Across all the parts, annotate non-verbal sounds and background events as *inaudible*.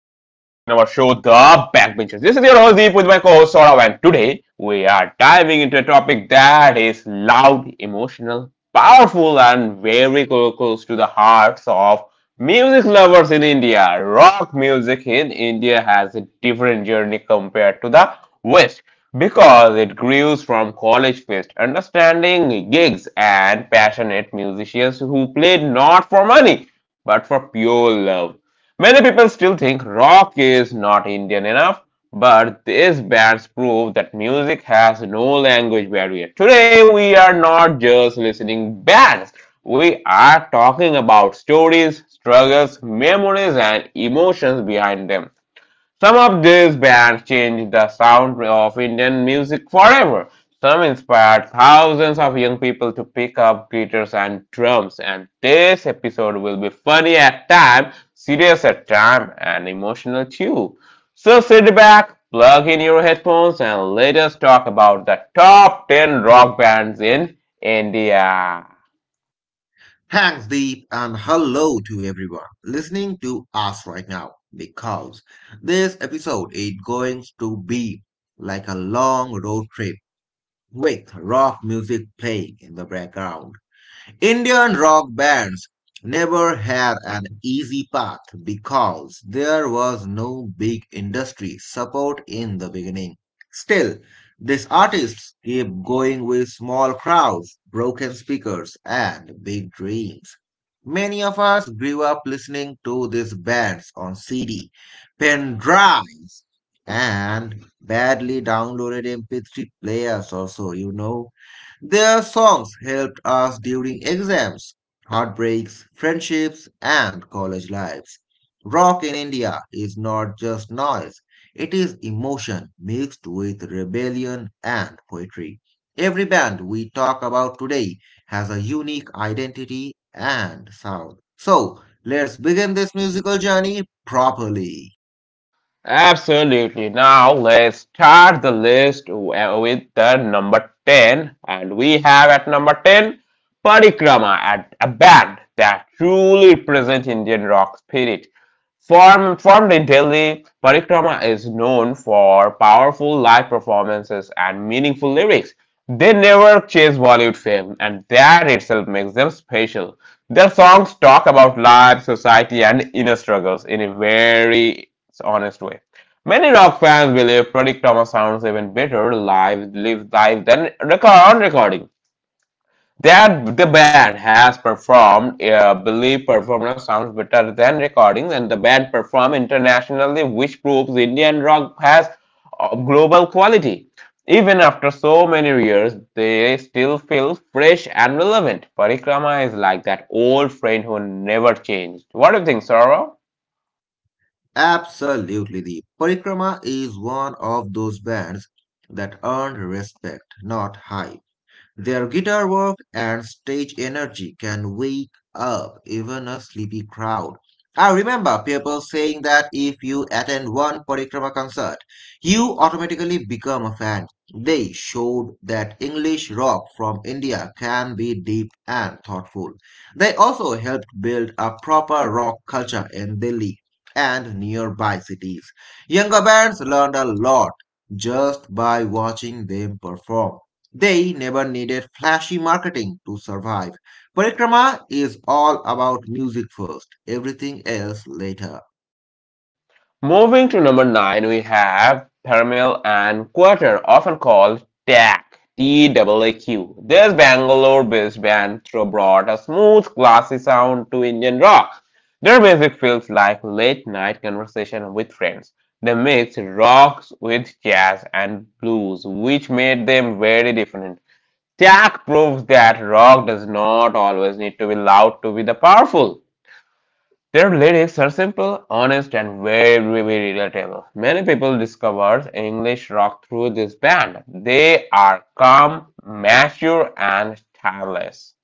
The Backbenchers. This is your host Deep with my co-host Saurav, and today we are diving into a topic that is loud, emotional, powerful, and very close to the hearts of music lovers in India. Rock music in India has a different journey compared to the West because it grew from college understanding gigs and passionate musicians who played not for money but for pure love. Many people still think rock is not Indian enough, but these bands prove that music has no language barrier. Today, we are not just listening bands, we are talking about stories, struggles, memories, and emotions behind them. Some of these bands changed the sound of Indian music forever. Some inspired thousands of young people to pick up guitars and drums. And this episode will be funny at time, serious at time, and emotional too. So sit back, plug in your headphones, and let us talk about the top 10 rock bands in India. Thanks, Deep, and hello to everyone listening to us right now because this episode is going to be like a long road trip with rock music playing in the background. Indian rock bands never had an easy path because there was no big industry support in the beginning. Still, these artists keep going with small crowds, broken speakers, and big dreams. Many of us grew up listening to these bands on CD, pen drives, and badly downloaded MP3 players, also. Their songs helped us during exams, heartbreaks, friendships, and college lives. Rock in India is not just noise, it is emotion mixed with rebellion and poetry. Every band we talk about today has a unique identity and sound. So, let's begin this musical journey properly. Absolutely. Now let's start the list with the number 10. And we have at number 10 Parikrama, at a band that truly represents Indian rock spirit. Formed in Delhi, Parikrama is known for powerful live performances and meaningful lyrics. They never chase Bollywood fame, and that itself makes them special. Their songs talk about life, society, and inner struggles in a very honest way. Many rock fans believe Project Thomas sounds even better live than recording. That the band has believe performance sounds better than recordings, and the band perform internationally, which proves Indian rock has global quality. Even after so many years, they still feel fresh and relevant. Parikrama is like that old friend who never changed. What do you think, Saurav? Absolutely. The Parikrama is one of those bands that earned respect, not hype. Their guitar work and stage energy can wake up even a sleepy crowd. I remember people saying that if you attend one Parikrama concert, you automatically become a fan. They showed that English rock from India can be deep and thoughtful. They also helped build a proper rock culture in Delhi and nearby cities. Younger bands learned a lot just by watching them perform. They never needed flashy marketing to survive. Parikrama is all about music first, everything else later. Moving to number nine, we have thermal and quarter, often called TAQ. TAAQ. This Bangalore-based band brought a smooth, classy sound to Indian rock. Their music feels like late-night conversation with friends. They mixed rocks with jazz and blues, which made them very different. TAQ proves that rock does not always need to be loud to be the powerful. Their lyrics are simple, honest, and very, very relatable. Many people discovered English rock through this band. They are calm, mature, and timeless.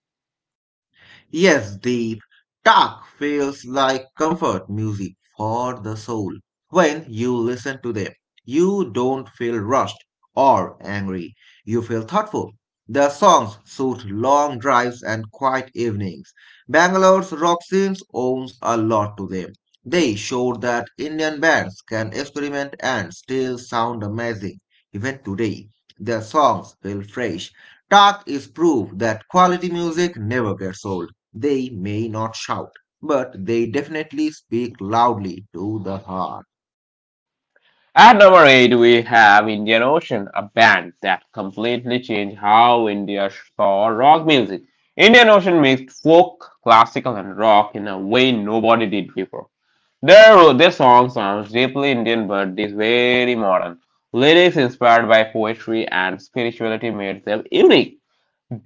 Yes, deep talk feels like comfort music for the soul. When you listen to them, you don't feel rushed or angry. You feel thoughtful. The songs suit long drives and quiet evenings. Bangalore's rock scenes owes a lot to them. They showed that Indian bands can experiment and still sound amazing. Even today, their songs feel fresh. Talk is proof that quality music never gets old. They may not shout, but they definitely speak loudly to the heart. At number eight, we have Indian Ocean, a band that completely changed how India saw rock music. Indian Ocean mixed folk, classical, and rock in a way nobody did before. Their song sounds deeply Indian but is very modern. Lyrics inspired by poetry and spirituality made them unique.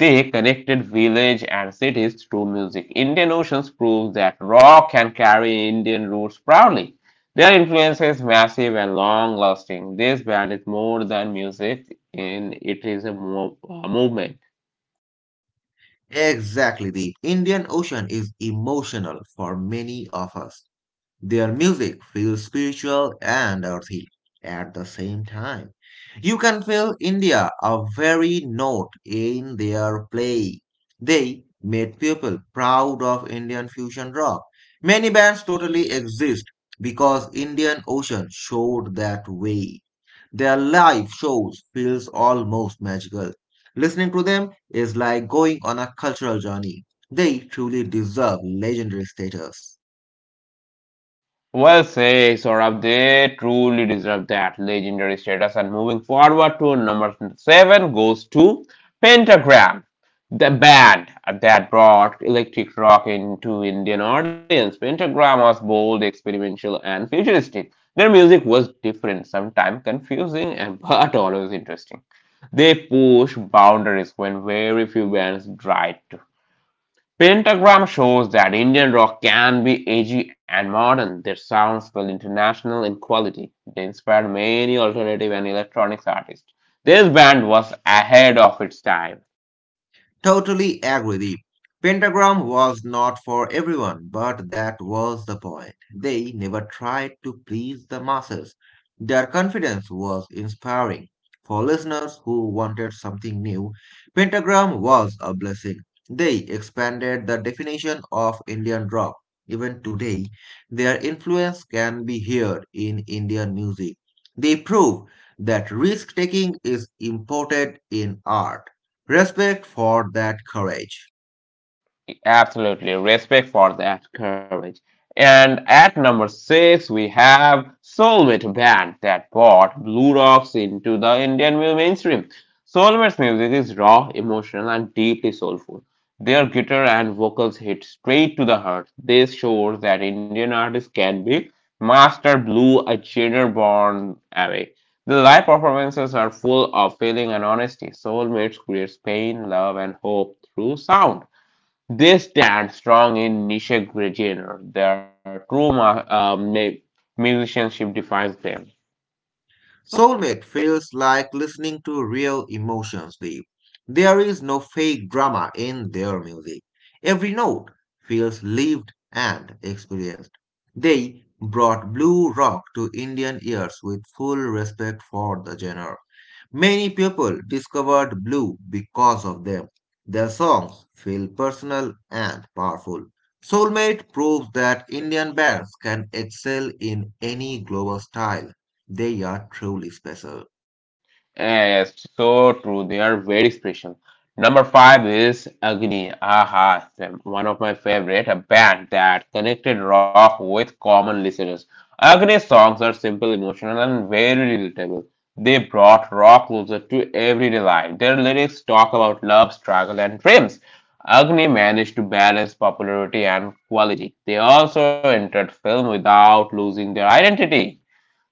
They connected village and cities through music. Indian Oceans proves that rock can carry Indian roots proudly. Their influence is massive and long lasting. This band is more than music, and it is a movement. Exactly. The Indian Ocean is emotional for many of us. Their music feels spiritual and earthy at the same time. You can feel India a very note in their play. They made people proud of Indian fusion rock. Many bands totally exist because Indian Ocean showed that way. Their live shows feels almost magical. Listening to them is like going on a cultural journey. They truly deserve legendary status. Well, Saurabh, they truly deserve that legendary status. And moving forward to number seven goes to Pentagram, the band that brought electric rock into Indian audience. Pentagram was bold, experimental, and futuristic. Their music was different, sometimes confusing, *laughs* and but always interesting. They pushed boundaries when very few bands tried to. Pentagram shows that Indian rock can be edgy and modern. Their sounds feel international in quality. They inspired many alternative and electronics artists. This band was ahead of its time. Totally agree, Deep. Pentagram was not for everyone, but that was the point. They never tried to please the masses. Their confidence was inspiring. For listeners who wanted something new, Pentagram was a blessing. They expanded the definition of Indian rock. Even today, their influence can be heard in Indian music. They prove that risk taking is important in art. Respect for that courage. Absolutely respect for that courage. And at number six, we have Soulmate Band that brought Blue Rocks into the Indian mainstream. Soulmate's music is raw, emotional, and deeply soulful. Their guitar and vocals hit straight to the heart. This shows that Indian artists can be master blue, a genre born away. The live performances are full of feeling and honesty. Soulmates creates pain, love, and hope through sound. They stand strong in niche genre. Their true musicianship defines them. Soulmate feels like listening to real emotions deep. There is no fake drama in their music. Every note feels lived and experienced. They brought blue rock to Indian ears with full respect for the genre. Many people discovered blue because of them. Their songs feel personal and powerful. Soulmate proves that Indian bands can excel in any global style. They are truly special. Yes, so true. They are very special. Number five is Agni. Aha, one of my favorite, a band that connected rock with common listeners. Agni songs are simple, emotional, and very relatable. They brought rock closer to everyday life. Their lyrics talk about love, struggle, and dreams. Agni managed to balance popularity and quality. They also entered film without losing their identity.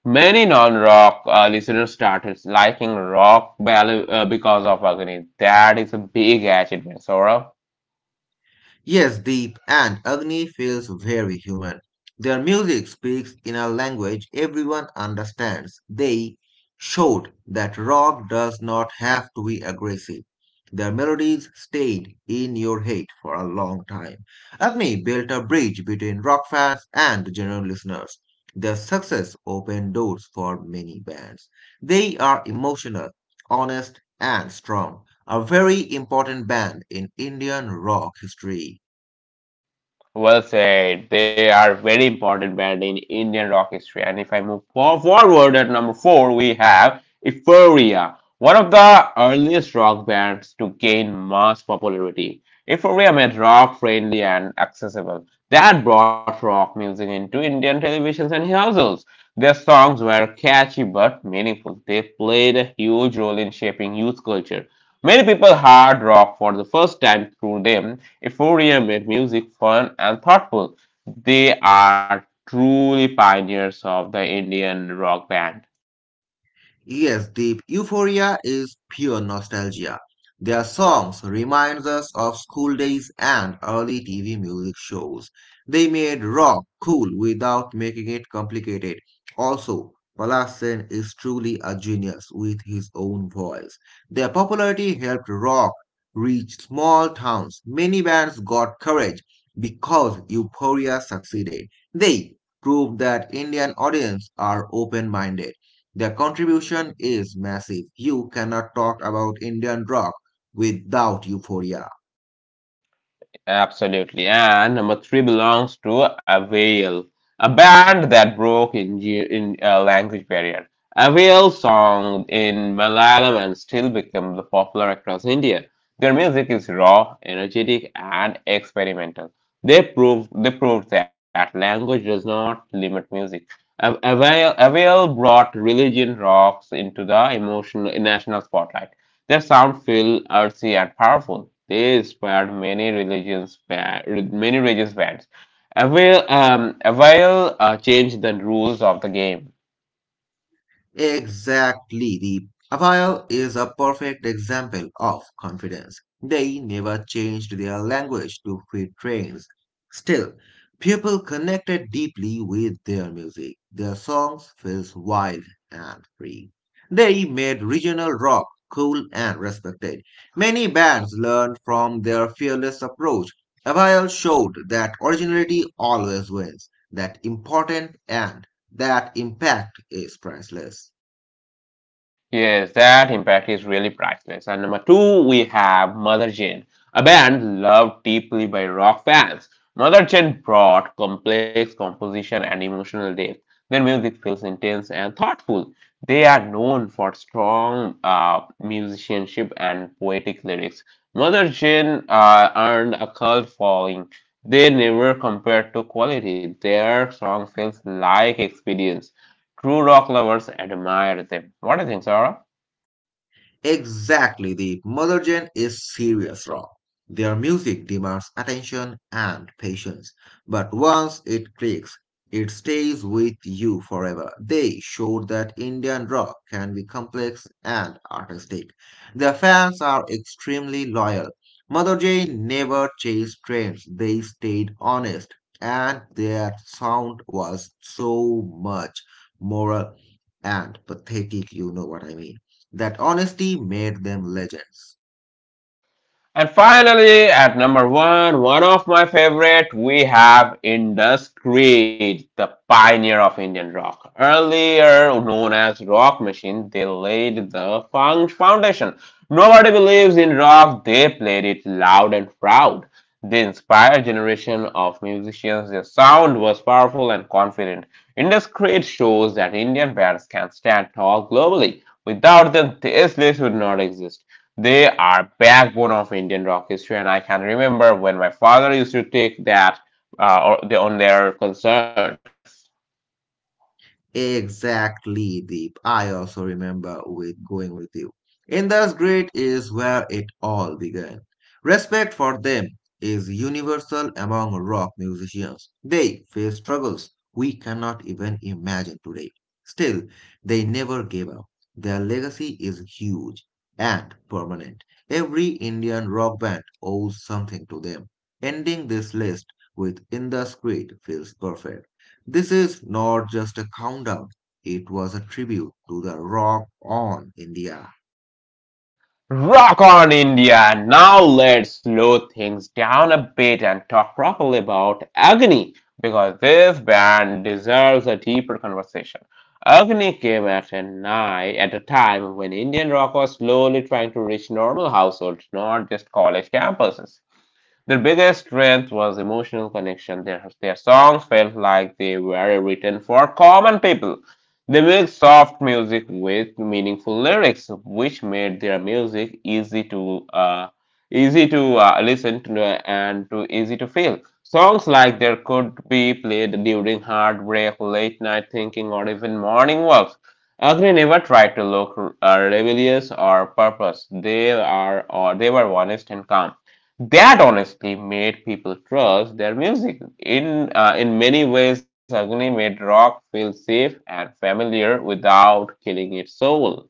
Many non-rock listeners started liking rock ballet because of Agni. That is a big achievement, Sora. Yes, Deep, and Agni feels very human. Their music speaks in a language everyone understands. They showed that rock does not have to be aggressive. Their melodies stayed in your head for a long time. Agni built a bridge between rock fans and general listeners. Their success opened doors for many bands. They are emotional, honest, and strong, a very important band in Indian rock history. Well said. They are very important band in Indian rock history. And if I move forward at number four, we have Euphoria, one of the earliest rock bands to gain mass popularity. Euphoria made rock friendly and accessible. That brought rock music into Indian televisions and households. Their songs were catchy but meaningful. They played a huge role in shaping youth culture. Many people heard rock for the first time through them, Euphoria made music fun and thoughtful. They are truly pioneers of the Indian rock band. Yes, Deep, Euphoria is pure nostalgia. Their songs remind us of school days and early TV music shows. They made rock cool without making it complicated. Also, Palasin is truly a genius with his own voice. Their popularity helped rock reach small towns. Many bands got courage because Euphoria succeeded. They proved that Indian audiences are open-minded. Their contribution is massive. You cannot talk about Indian rock without euphoria. Absolutely. And number three belongs to Avail, a band that broke in language barrier. Avail song in Malayalam and still become the popular across India. Their music is raw, energetic, and experimental. They proved that language does not limit music. Avail brought religion rocks into the emotional national spotlight. Their sound feel earthy and powerful. They inspired many many religious bands. Avail, Avail changed the rules of the game. Exactly. The Avail is a perfect example of confidence. They never changed their language to fit trends. Still, people connected deeply with their music. Their songs feels wild and free. They made regional rock cool and respected. Many bands learned from their fearless approach. Avail showed that originality always wins, that important and that impact is priceless. Yes, that impact is really priceless. And number two, we have Mother Jane, a band loved deeply by rock fans. Mother Jane brought complex composition and emotional depth. Their music feels intense and thoughtful. They are known for strong musicianship and poetic lyrics. Mother Jane earned a cult following. They never compared to quality. Their song feels like experience. True rock lovers admire them. What do you think, Sarah? Exactly, the Mother Jane is serious rock. Their music demands attention and patience, but once it clicks, it stays with you forever. They showed that Indian rock can be complex and artistic. Their fans are extremely loyal. Mother Jane never chased trends, they stayed honest, and their sound was so much moral and pathetic, you know what I mean, that honesty made them legends. And finally, at number one, one of my favorite, we have Indus Creed, the pioneer of Indian rock. Earlier known as Rock Machine, they laid the foundation. Nobody believes in rock, they played it loud and proud. They inspired a generation of musicians. Their sound was powerful and confident. Indus Creed shows that Indian bands can stand tall globally. Without them, this list would not exist. They are backbone of Indian rock history, and I can remember when my father used to take on their concerts. Exactly, Deep. I also remember with going with you. In the grade is where it all began. Respect for them is universal among rock musicians. They face struggles we cannot even imagine today. Still, they never gave up. Their legacy is huge and permanent. Every Indian rock band owes something to them. Ending this list with Indus Creed feels perfect. This is not just a countdown, it was a tribute to the rock on India. Rock on India! Now let's slow things down a bit and talk properly about Agni because this band deserves a deeper conversation. Agni came at a time when Indian rock was slowly trying to reach normal households, not just college campuses. Their biggest strength was emotional connection. Their songs felt like they were written for common people. They mixed soft music with meaningful lyrics, which made their music easy to listen to and to easy to feel. Songs like there could be played during heartbreak, late night thinking, or even morning walks. Agni never tried to look rebellious or purpose. They are or they were honest and calm. That honestly made people trust their music. In many ways, Agni made rock feel safe and familiar without killing its soul.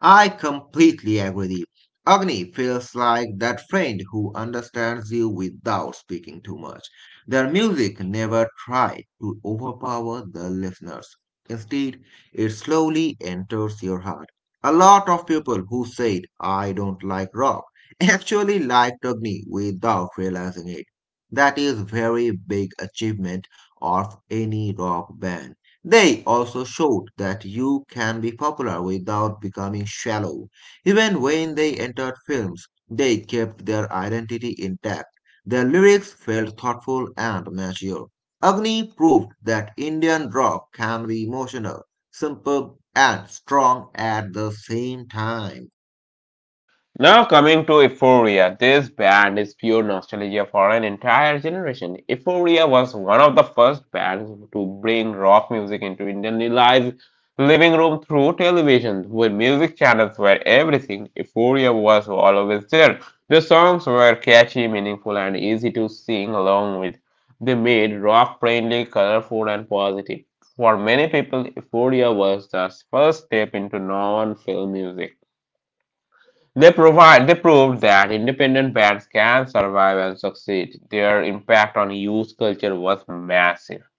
I completely agree. Agni feels like that friend who understands you without speaking too much. Their music never tried to overpower the listeners. Instead, it slowly enters your heart. A lot of people who said, I don't like rock, *laughs* actually liked Agni without realizing it. That is very big achievement of any rock band. They also showed that you can be popular without becoming shallow. Even when they entered films, they kept their identity intact. Their lyrics felt thoughtful and mature. Agni proved that Indian rock can be emotional, simple, and strong at the same time. Now coming to Euphoria, this band is pure nostalgia for an entire generation. Euphoria was one of the first bands to bring rock music into Indian lives, living room through television, with music channels were everything. Euphoria was always there. The songs were catchy, meaningful, and easy to sing along with. They made rock friendly, colorful, and positive. For many people, Euphoria was the first step into non-film music. They proved that independent bands can survive and succeed. Their impact on youth culture was massive.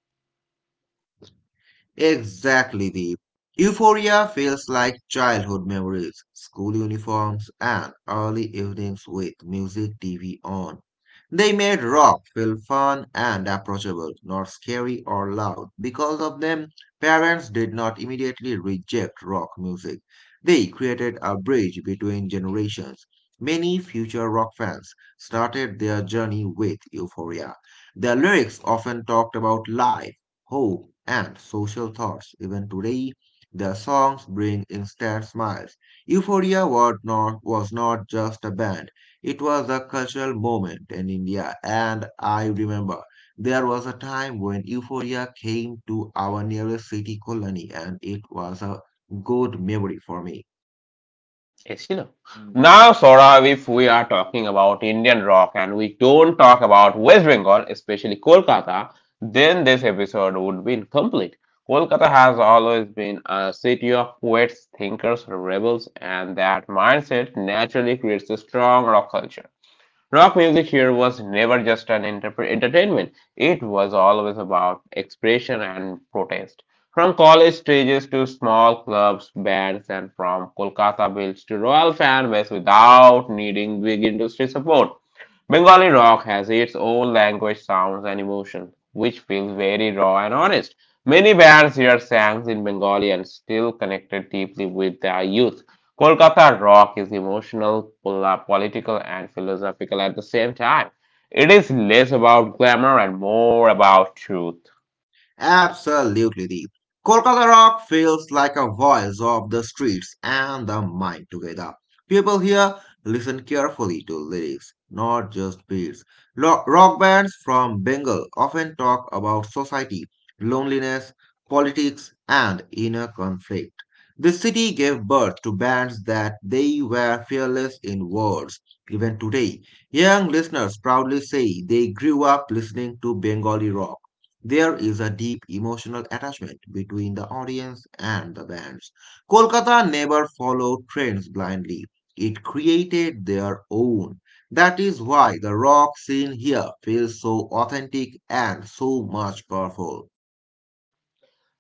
Exactly, Deep. Euphoria feels like childhood memories, school uniforms, and early evenings with music TV on. They made rock feel fun and approachable, not scary or loud. Because of them, parents did not immediately reject rock music. They created a bridge between generations. Many future rock fans started their journey with Euphoria. The lyrics often talked about life hope, and social thoughts. Even today, their songs bring instant smiles. Euphoria was not just a band, it was a cultural moment in India, and I remember there was a time when Euphoria came to our nearest city, Kolani, and it was a good memory for me. Yes, you. Now, Saurav, if we are talking about Indian rock and we don't talk about West Bengal, especially Kolkata, then this episode would be incomplete. Kolkata has always been a city of poets, thinkers, rebels, and that mindset naturally creates a strong rock culture. Rock music here was never just an entertainment, it was always about expression and protest. From college stages to small clubs, bands, and from Kolkata bills to royal fan base without needing big industry support. Bengali rock has its own language, sounds, and emotion, which feels very raw and honest. Many bands here sang in Bengali and still connected deeply with their youth. Kolkata rock is emotional, political, and philosophical at the same time. It is less about glamour and more about truth. Absolutely deep. Kolkata rock feels like a voice of the streets and the mind together. People here listen carefully to lyrics, not just beats. Rock bands from Bengal often talk about society, loneliness, politics, and inner conflict. The city gave birth to bands that they were fearless in words. Even today, young listeners proudly say they grew up listening to Bengali rock. There is a deep emotional attachment between the audience and the bands. Kolkata never followed trends blindly. It created their own. That is why the rock scene here feels so authentic and so much powerful.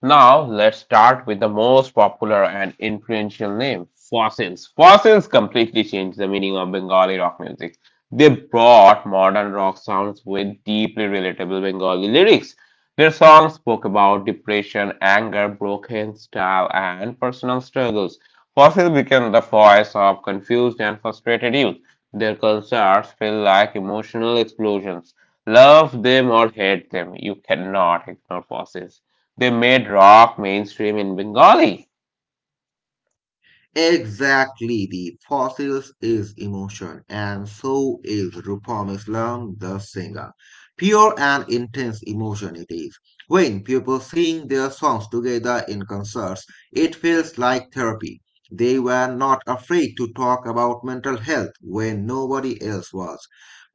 Now let's start with the most popular and influential name, fossils. Fossils completely changed the meaning of Bengali rock music. They brought modern rock sounds with deeply relatable Bengali lyrics. Their songs spoke about depression, anger, broken style, and personal struggles. Fossils became the voice of confused and frustrated youth. Their concerts feel like emotional explosions. Love them or hate them, you cannot ignore fossils. They made rock mainstream in Bengali. Exactly, the fossils is emotion, and so is Rupam Islam, the singer. Pure and intense emotion it is. When people sing their songs together in concerts, it feels like therapy. They were not afraid to talk about mental health when nobody else was.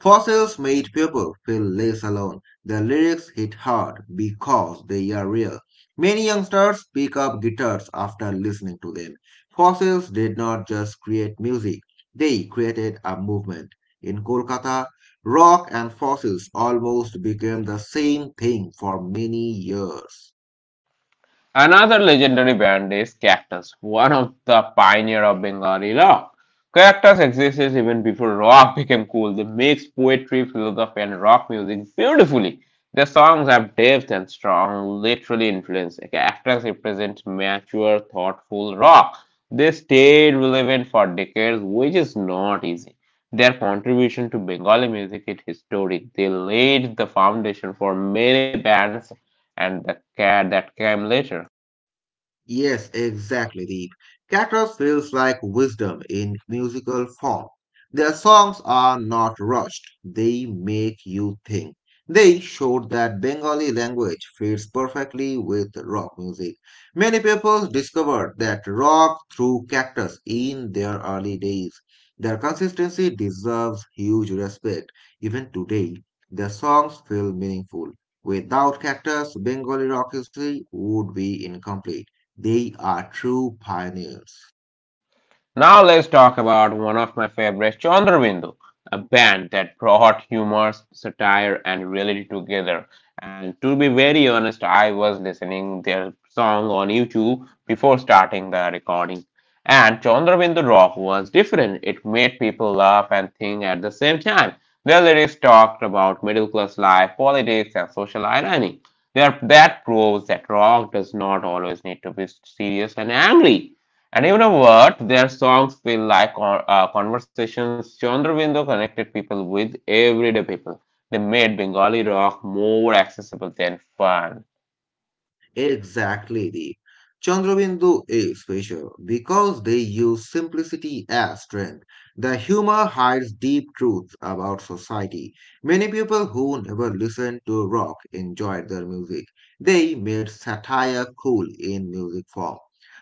Fossils made people feel less alone. The lyrics hit hard because they are real. Many youngsters pick up guitars after listening to them. Fossils did not just create music, they created a movement. In Kolkata, rock and fossils almost became the same thing for many years. Another legendary band is Cactus, one of the pioneers of Bengali rock. Cactus existed even before rock became cool. They mix poetry, philosophy, and rock music beautifully. Their songs have depth and strong, literally influence. Cactus represents mature, thoughtful rock. They stayed relevant for decades, which is not easy. Their contribution to Bengali music is historic. They laid the foundation for many bands and the cat that came later. Yes, exactly, Deep. Cactus feels like wisdom in musical form. Their songs are not rushed, they make you think. They showed that Bengali language fits perfectly with rock music. Many people discovered that rock through Cactus in their early days. Their consistency deserves huge respect. Even today, their songs feel meaningful. Without Cactus, Bengali rock history would be incomplete. They are true pioneers. Now let's talk about one of my favorite, Chandrabindu, a band that brought humor, satire, and reality together. And to be very honest, I was listening their song on YouTube before starting the recording. And Chandrabindu rock was different. It made people laugh and think at the same time. Their lyrics talked about middle class life, politics, and social irony. Their, that proves that rock does not always need to be serious and angry. And even a word, their songs feel like conversations. Chandrabindo connected people with everyday people. They made Bengali rock more accessible than fun. Exactly, Deep. Chandrabindu is special because they use simplicity as strength. The humor hides deep truths about society. Many people who never listened to rock enjoyed their music. They made satire cool in music form.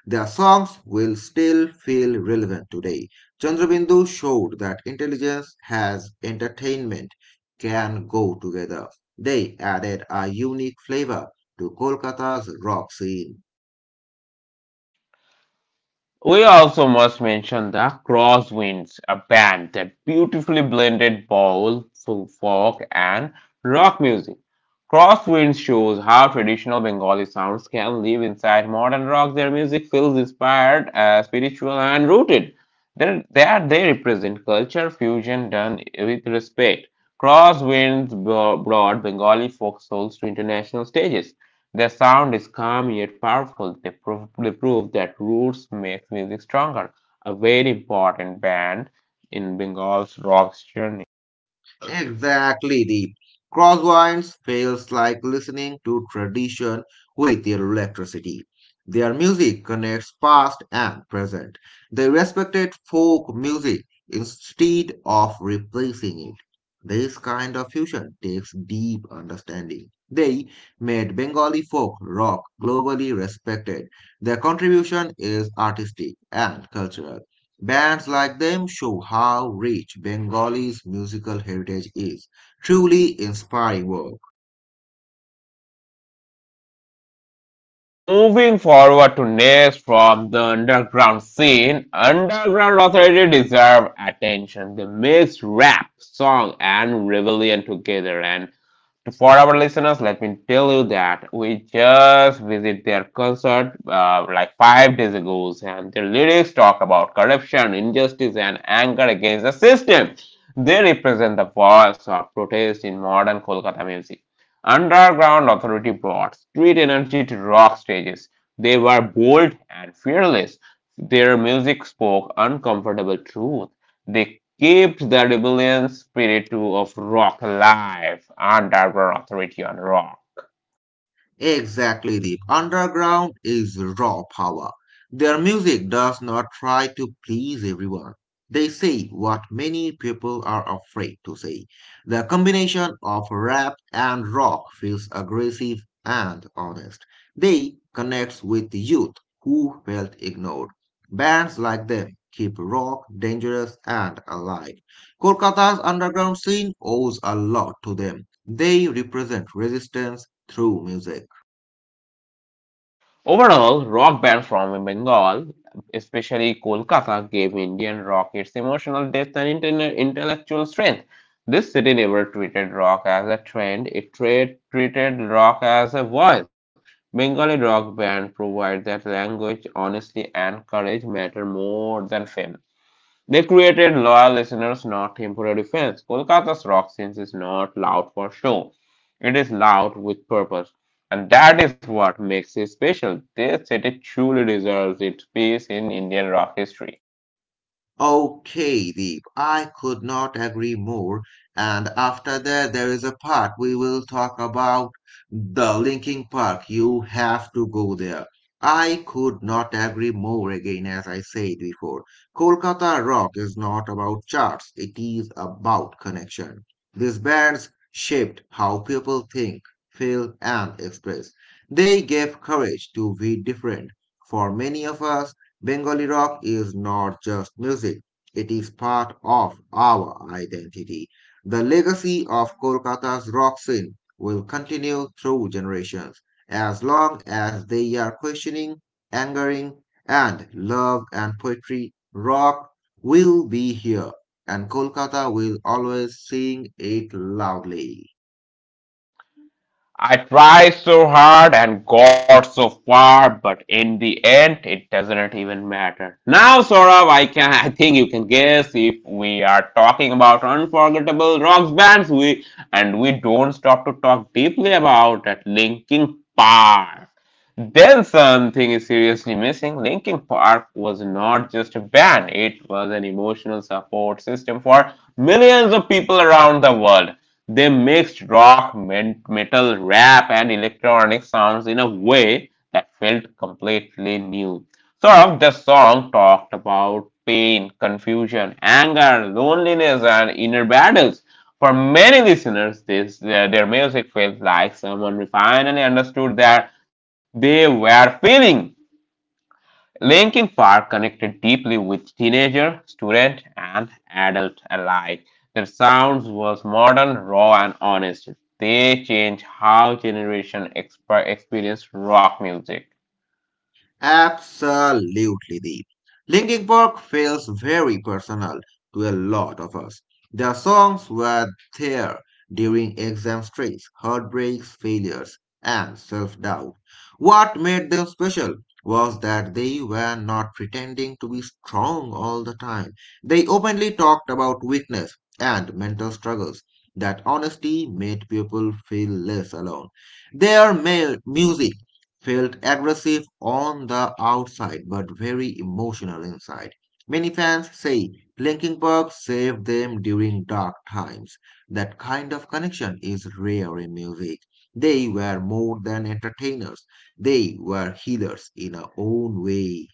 Their songs will still feel relevant today. Chandrabindu showed that intelligence has entertainment can go together. They added a unique flavor to Kolkata's rock scene. We also must mention the Crosswinds, a band that beautifully blended bowl, folk, and rock music. Crosswinds shows how traditional Bengali sounds can live inside modern rock. Their music feels spiritual, and rooted. There they represent culture fusion done with respect. Crosswinds brought Bengali folk souls to international stages. Their sound is calm yet powerful. They prove that roots make music stronger, a very important band in Bengal's rock journey. Exactly, Deep. Crosswinds feels like listening to tradition with their electricity. Their music connects past and present. They respected folk music instead of replacing it. This kind of fusion takes deep understanding. They made Bengali folk rock globally respected. Their contribution is artistic and cultural. Bands like them show how rich Bengali's musical heritage is. Truly inspiring work. Moving forward to next from the underground scene, underground authority deserve attention. They mix rap, song, and rebellion together, and for our listeners, let me tell you that we just visit their concert like 5 days ago, and the lyrics talk about corruption, injustice, and anger against the system. They represent the voice of protest in modern Kolkata music. Underground authority brought street energy to rock stages. They were bold and fearless. Their music spoke uncomfortable truth. They kept the rebellion spirit of rock alive under their authority on rock. Exactly, the underground is raw power. Their music does not try to please everyone. They say what many people are afraid to say. The combination of rap and rock feels aggressive and honest. They connect with youth who felt ignored. Bands like them keep rock dangerous and alive. Kolkata's underground scene owes a lot to them. They represent resistance through music. Overall, rock band from Bengal, especially Kolkata, gave Indian rock its emotional depth and intellectual strength. This city never treated rock as a trend, it treated rock as a voice. Bengali rock band provide that language, honesty, and courage matter more than fame. They created loyal listeners, not temporary fans. Kolkata's rock scene is not loud for show. It is loud with purpose. And that is what makes it special. This city truly deserves its place in Indian rock history. Okay, Deep, I could not agree more. And after that, there is a part we will talk about the Linking Park. You have to go there. I could not agree more again, as I said before. Kolkata Rock is not about charts, it is about connection. These bands shaped how people think, feel, and express. They gave courage to be different. For many of us, Bengali rock is not just music, it is part of our identity. The legacy of Kolkata's rock scene will continue through generations as long as they are questioning, angering, and love and poetry. Rock will be here, and Kolkata will always sing it loudly. I try so hard and got so far, but in the end, it doesn't even matter. Now, Saurav, I think you can guess if we are talking about unforgettable rock bands, we and we don't stop to talk deeply about at Linkin Park. Then something is seriously missing. Linkin Park was not just a band; it was an emotional support system for millions of people around the world. They mixed rock, metal, rap, and electronic sounds in a way that felt completely new. Sort of the song talked about pain, confusion, anger, loneliness, and inner battles. For many listeners, this their music felt like someone finally understood that they were feeling. Linkin Park connected deeply with teenager, student, and adult alike. Their sounds was modern, raw, and honest. They changed how generation experienced rock music. Absolutely, Deep. Linkin Park feels very personal to a lot of us. Their songs were there during exam stress, heartbreaks, failures, and self-doubt. What made them special was that they were not pretending to be strong all the time. They openly talked about weakness and mental struggles. That honesty made people feel less alone. Their music felt aggressive on the outside but very emotional inside. Many fans say Linkin Park saved them during dark times. That kind of connection is rare in music. They were more than entertainers, they were healers in our own way.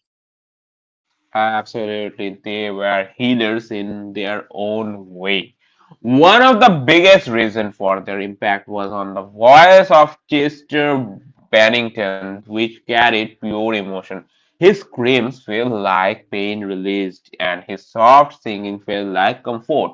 Absolutely, they were healers in their own way. One of the biggest reasons for their impact was on the voice of Chester Bennington, which carried pure emotion. His screams felt like pain released, and his soft singing felt like comfort.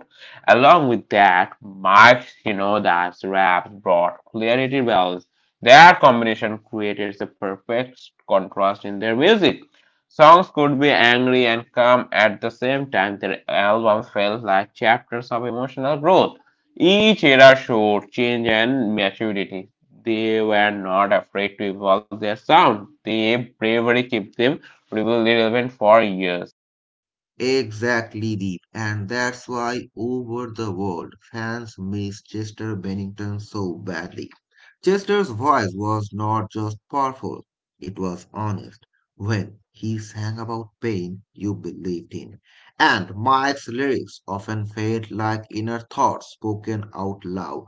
Along with that, Mike Shinoda's raps brought clarity bells. That combination created the perfect contrast in their music. Songs could be angry and calm at the same time. Their albums felt like chapters of emotional growth. Each era showed change and maturity. They were not afraid to evolve their sound. Their bravery kept them really relevant for years. Exactly, Deep. And that's why over the world fans miss Chester Bennington so badly. Chester's voice was not just powerful, it was honest. When he sang about pain, you believed in. And Mike's lyrics often felt like inner thoughts spoken out loud.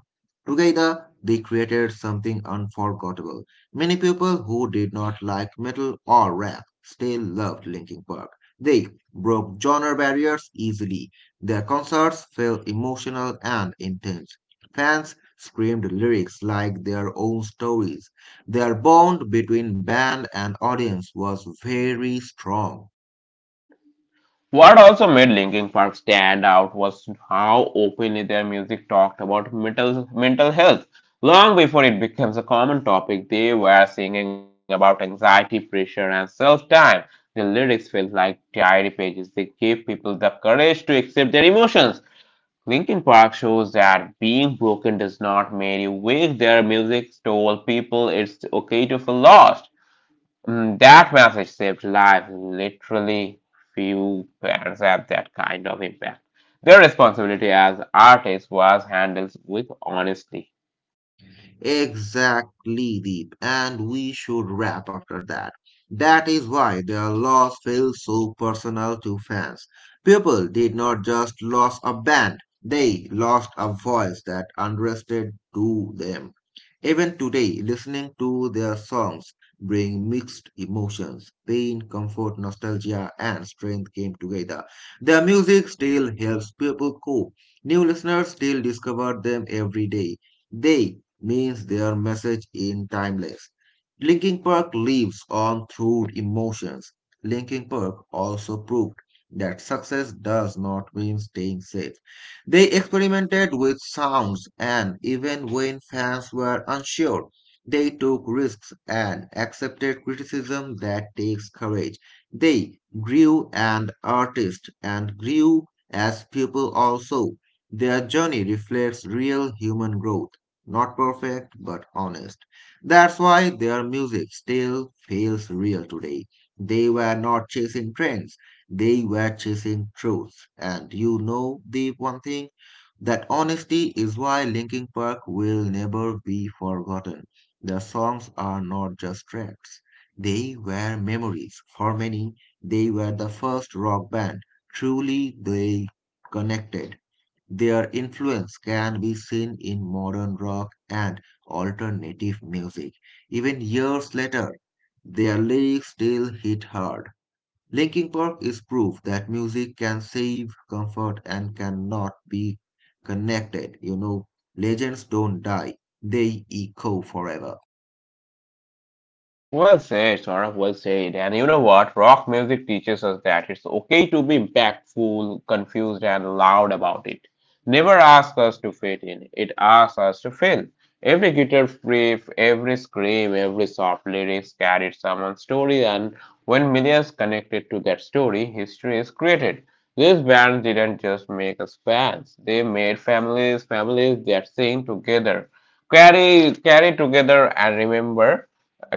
Together, they created something unforgettable. Many people who did not like metal or rap still loved Linkin Park. They broke genre barriers easily. Their concerts felt emotional and intense. Fans screamed lyrics like their own stories. Their bond between band and audience was very strong. What also made Linkin Park stand out was how openly their music talked about mental health. Long before it becomes a common topic, they were singing about anxiety, pressure, and self time. The lyrics felt like diary pages. They gave people the courage to accept their emotions. Linkin Park shows that being broken does not make you weak. Their music told people it's okay to feel lost. That message saved lives. Literally, few bands have that kind of impact. Their responsibility as artists was handled with honesty. Exactly, Deep. And we should wrap after that. That is why their loss feels so personal to fans. People did not just lose a band, they lost a voice that understood to them. Even today, listening to their songs bring mixed emotions. Pain, comfort, nostalgia, and strength came together. Their music still helps people cope. New listeners still discover them every day. They means their message in timeless. Linkin Park lives on through emotions. Linkin Park also proved that success does not mean staying safe. They experimented with sounds, and even when fans were unsure, they took risks and accepted criticism that takes courage. They grew as artists and grew as people also. Their journey reflects real human growth. Not perfect, but honest. That's why their music still feels real today. They were not chasing trends, they were chasing truth. And you know the one thing? That honesty is why Linkin Park will never be forgotten. Their songs are not just tracks. They were memories. For many, they were the first rock band. Truly, they connected. Their influence can be seen in modern rock and alternative music. Even years later, their lyrics still hit hard. Linkin Park is proof that music can save comfort and cannot be connected. You know, legends don't die, they echo forever. Well said, Saurabh, well said. And you know what? Rock music teaches us that it's okay to be impactful, confused, and loud about it. Never ask us to fit in, it asks us to feel. Every guitar riff, every scream, every soft lyrics carried someone's story, and when millions connected to that story, history is created. These bands didn't just make us fans, they made families, families that sing together, carry together, and remember.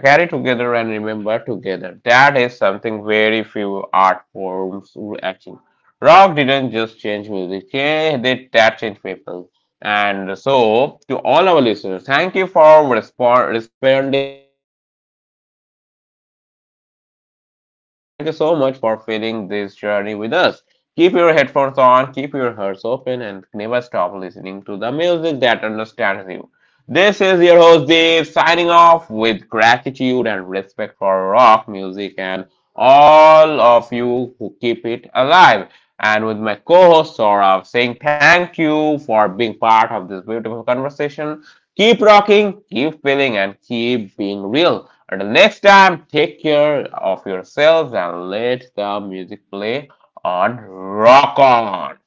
Carry together and remember together. That is something very few art forms were achieve. Rock didn't just change music, cha- they that changed people. And so, to all our listeners, thank you for responding this time this with us on Backbenchers. Thank you so much for feeling this journey with us. Keep your headphones on, keep your hearts open, and never stop listening to the music that understands you. This is your host Deep signing off with gratitude and respect for rock music and all of you who keep it alive. And with my co host Saurav saying thank you for being part of this beautiful conversation. Keep rocking, keep feeling, and keep being real. Until next time, take care of yourselves and let the music play on Rock On.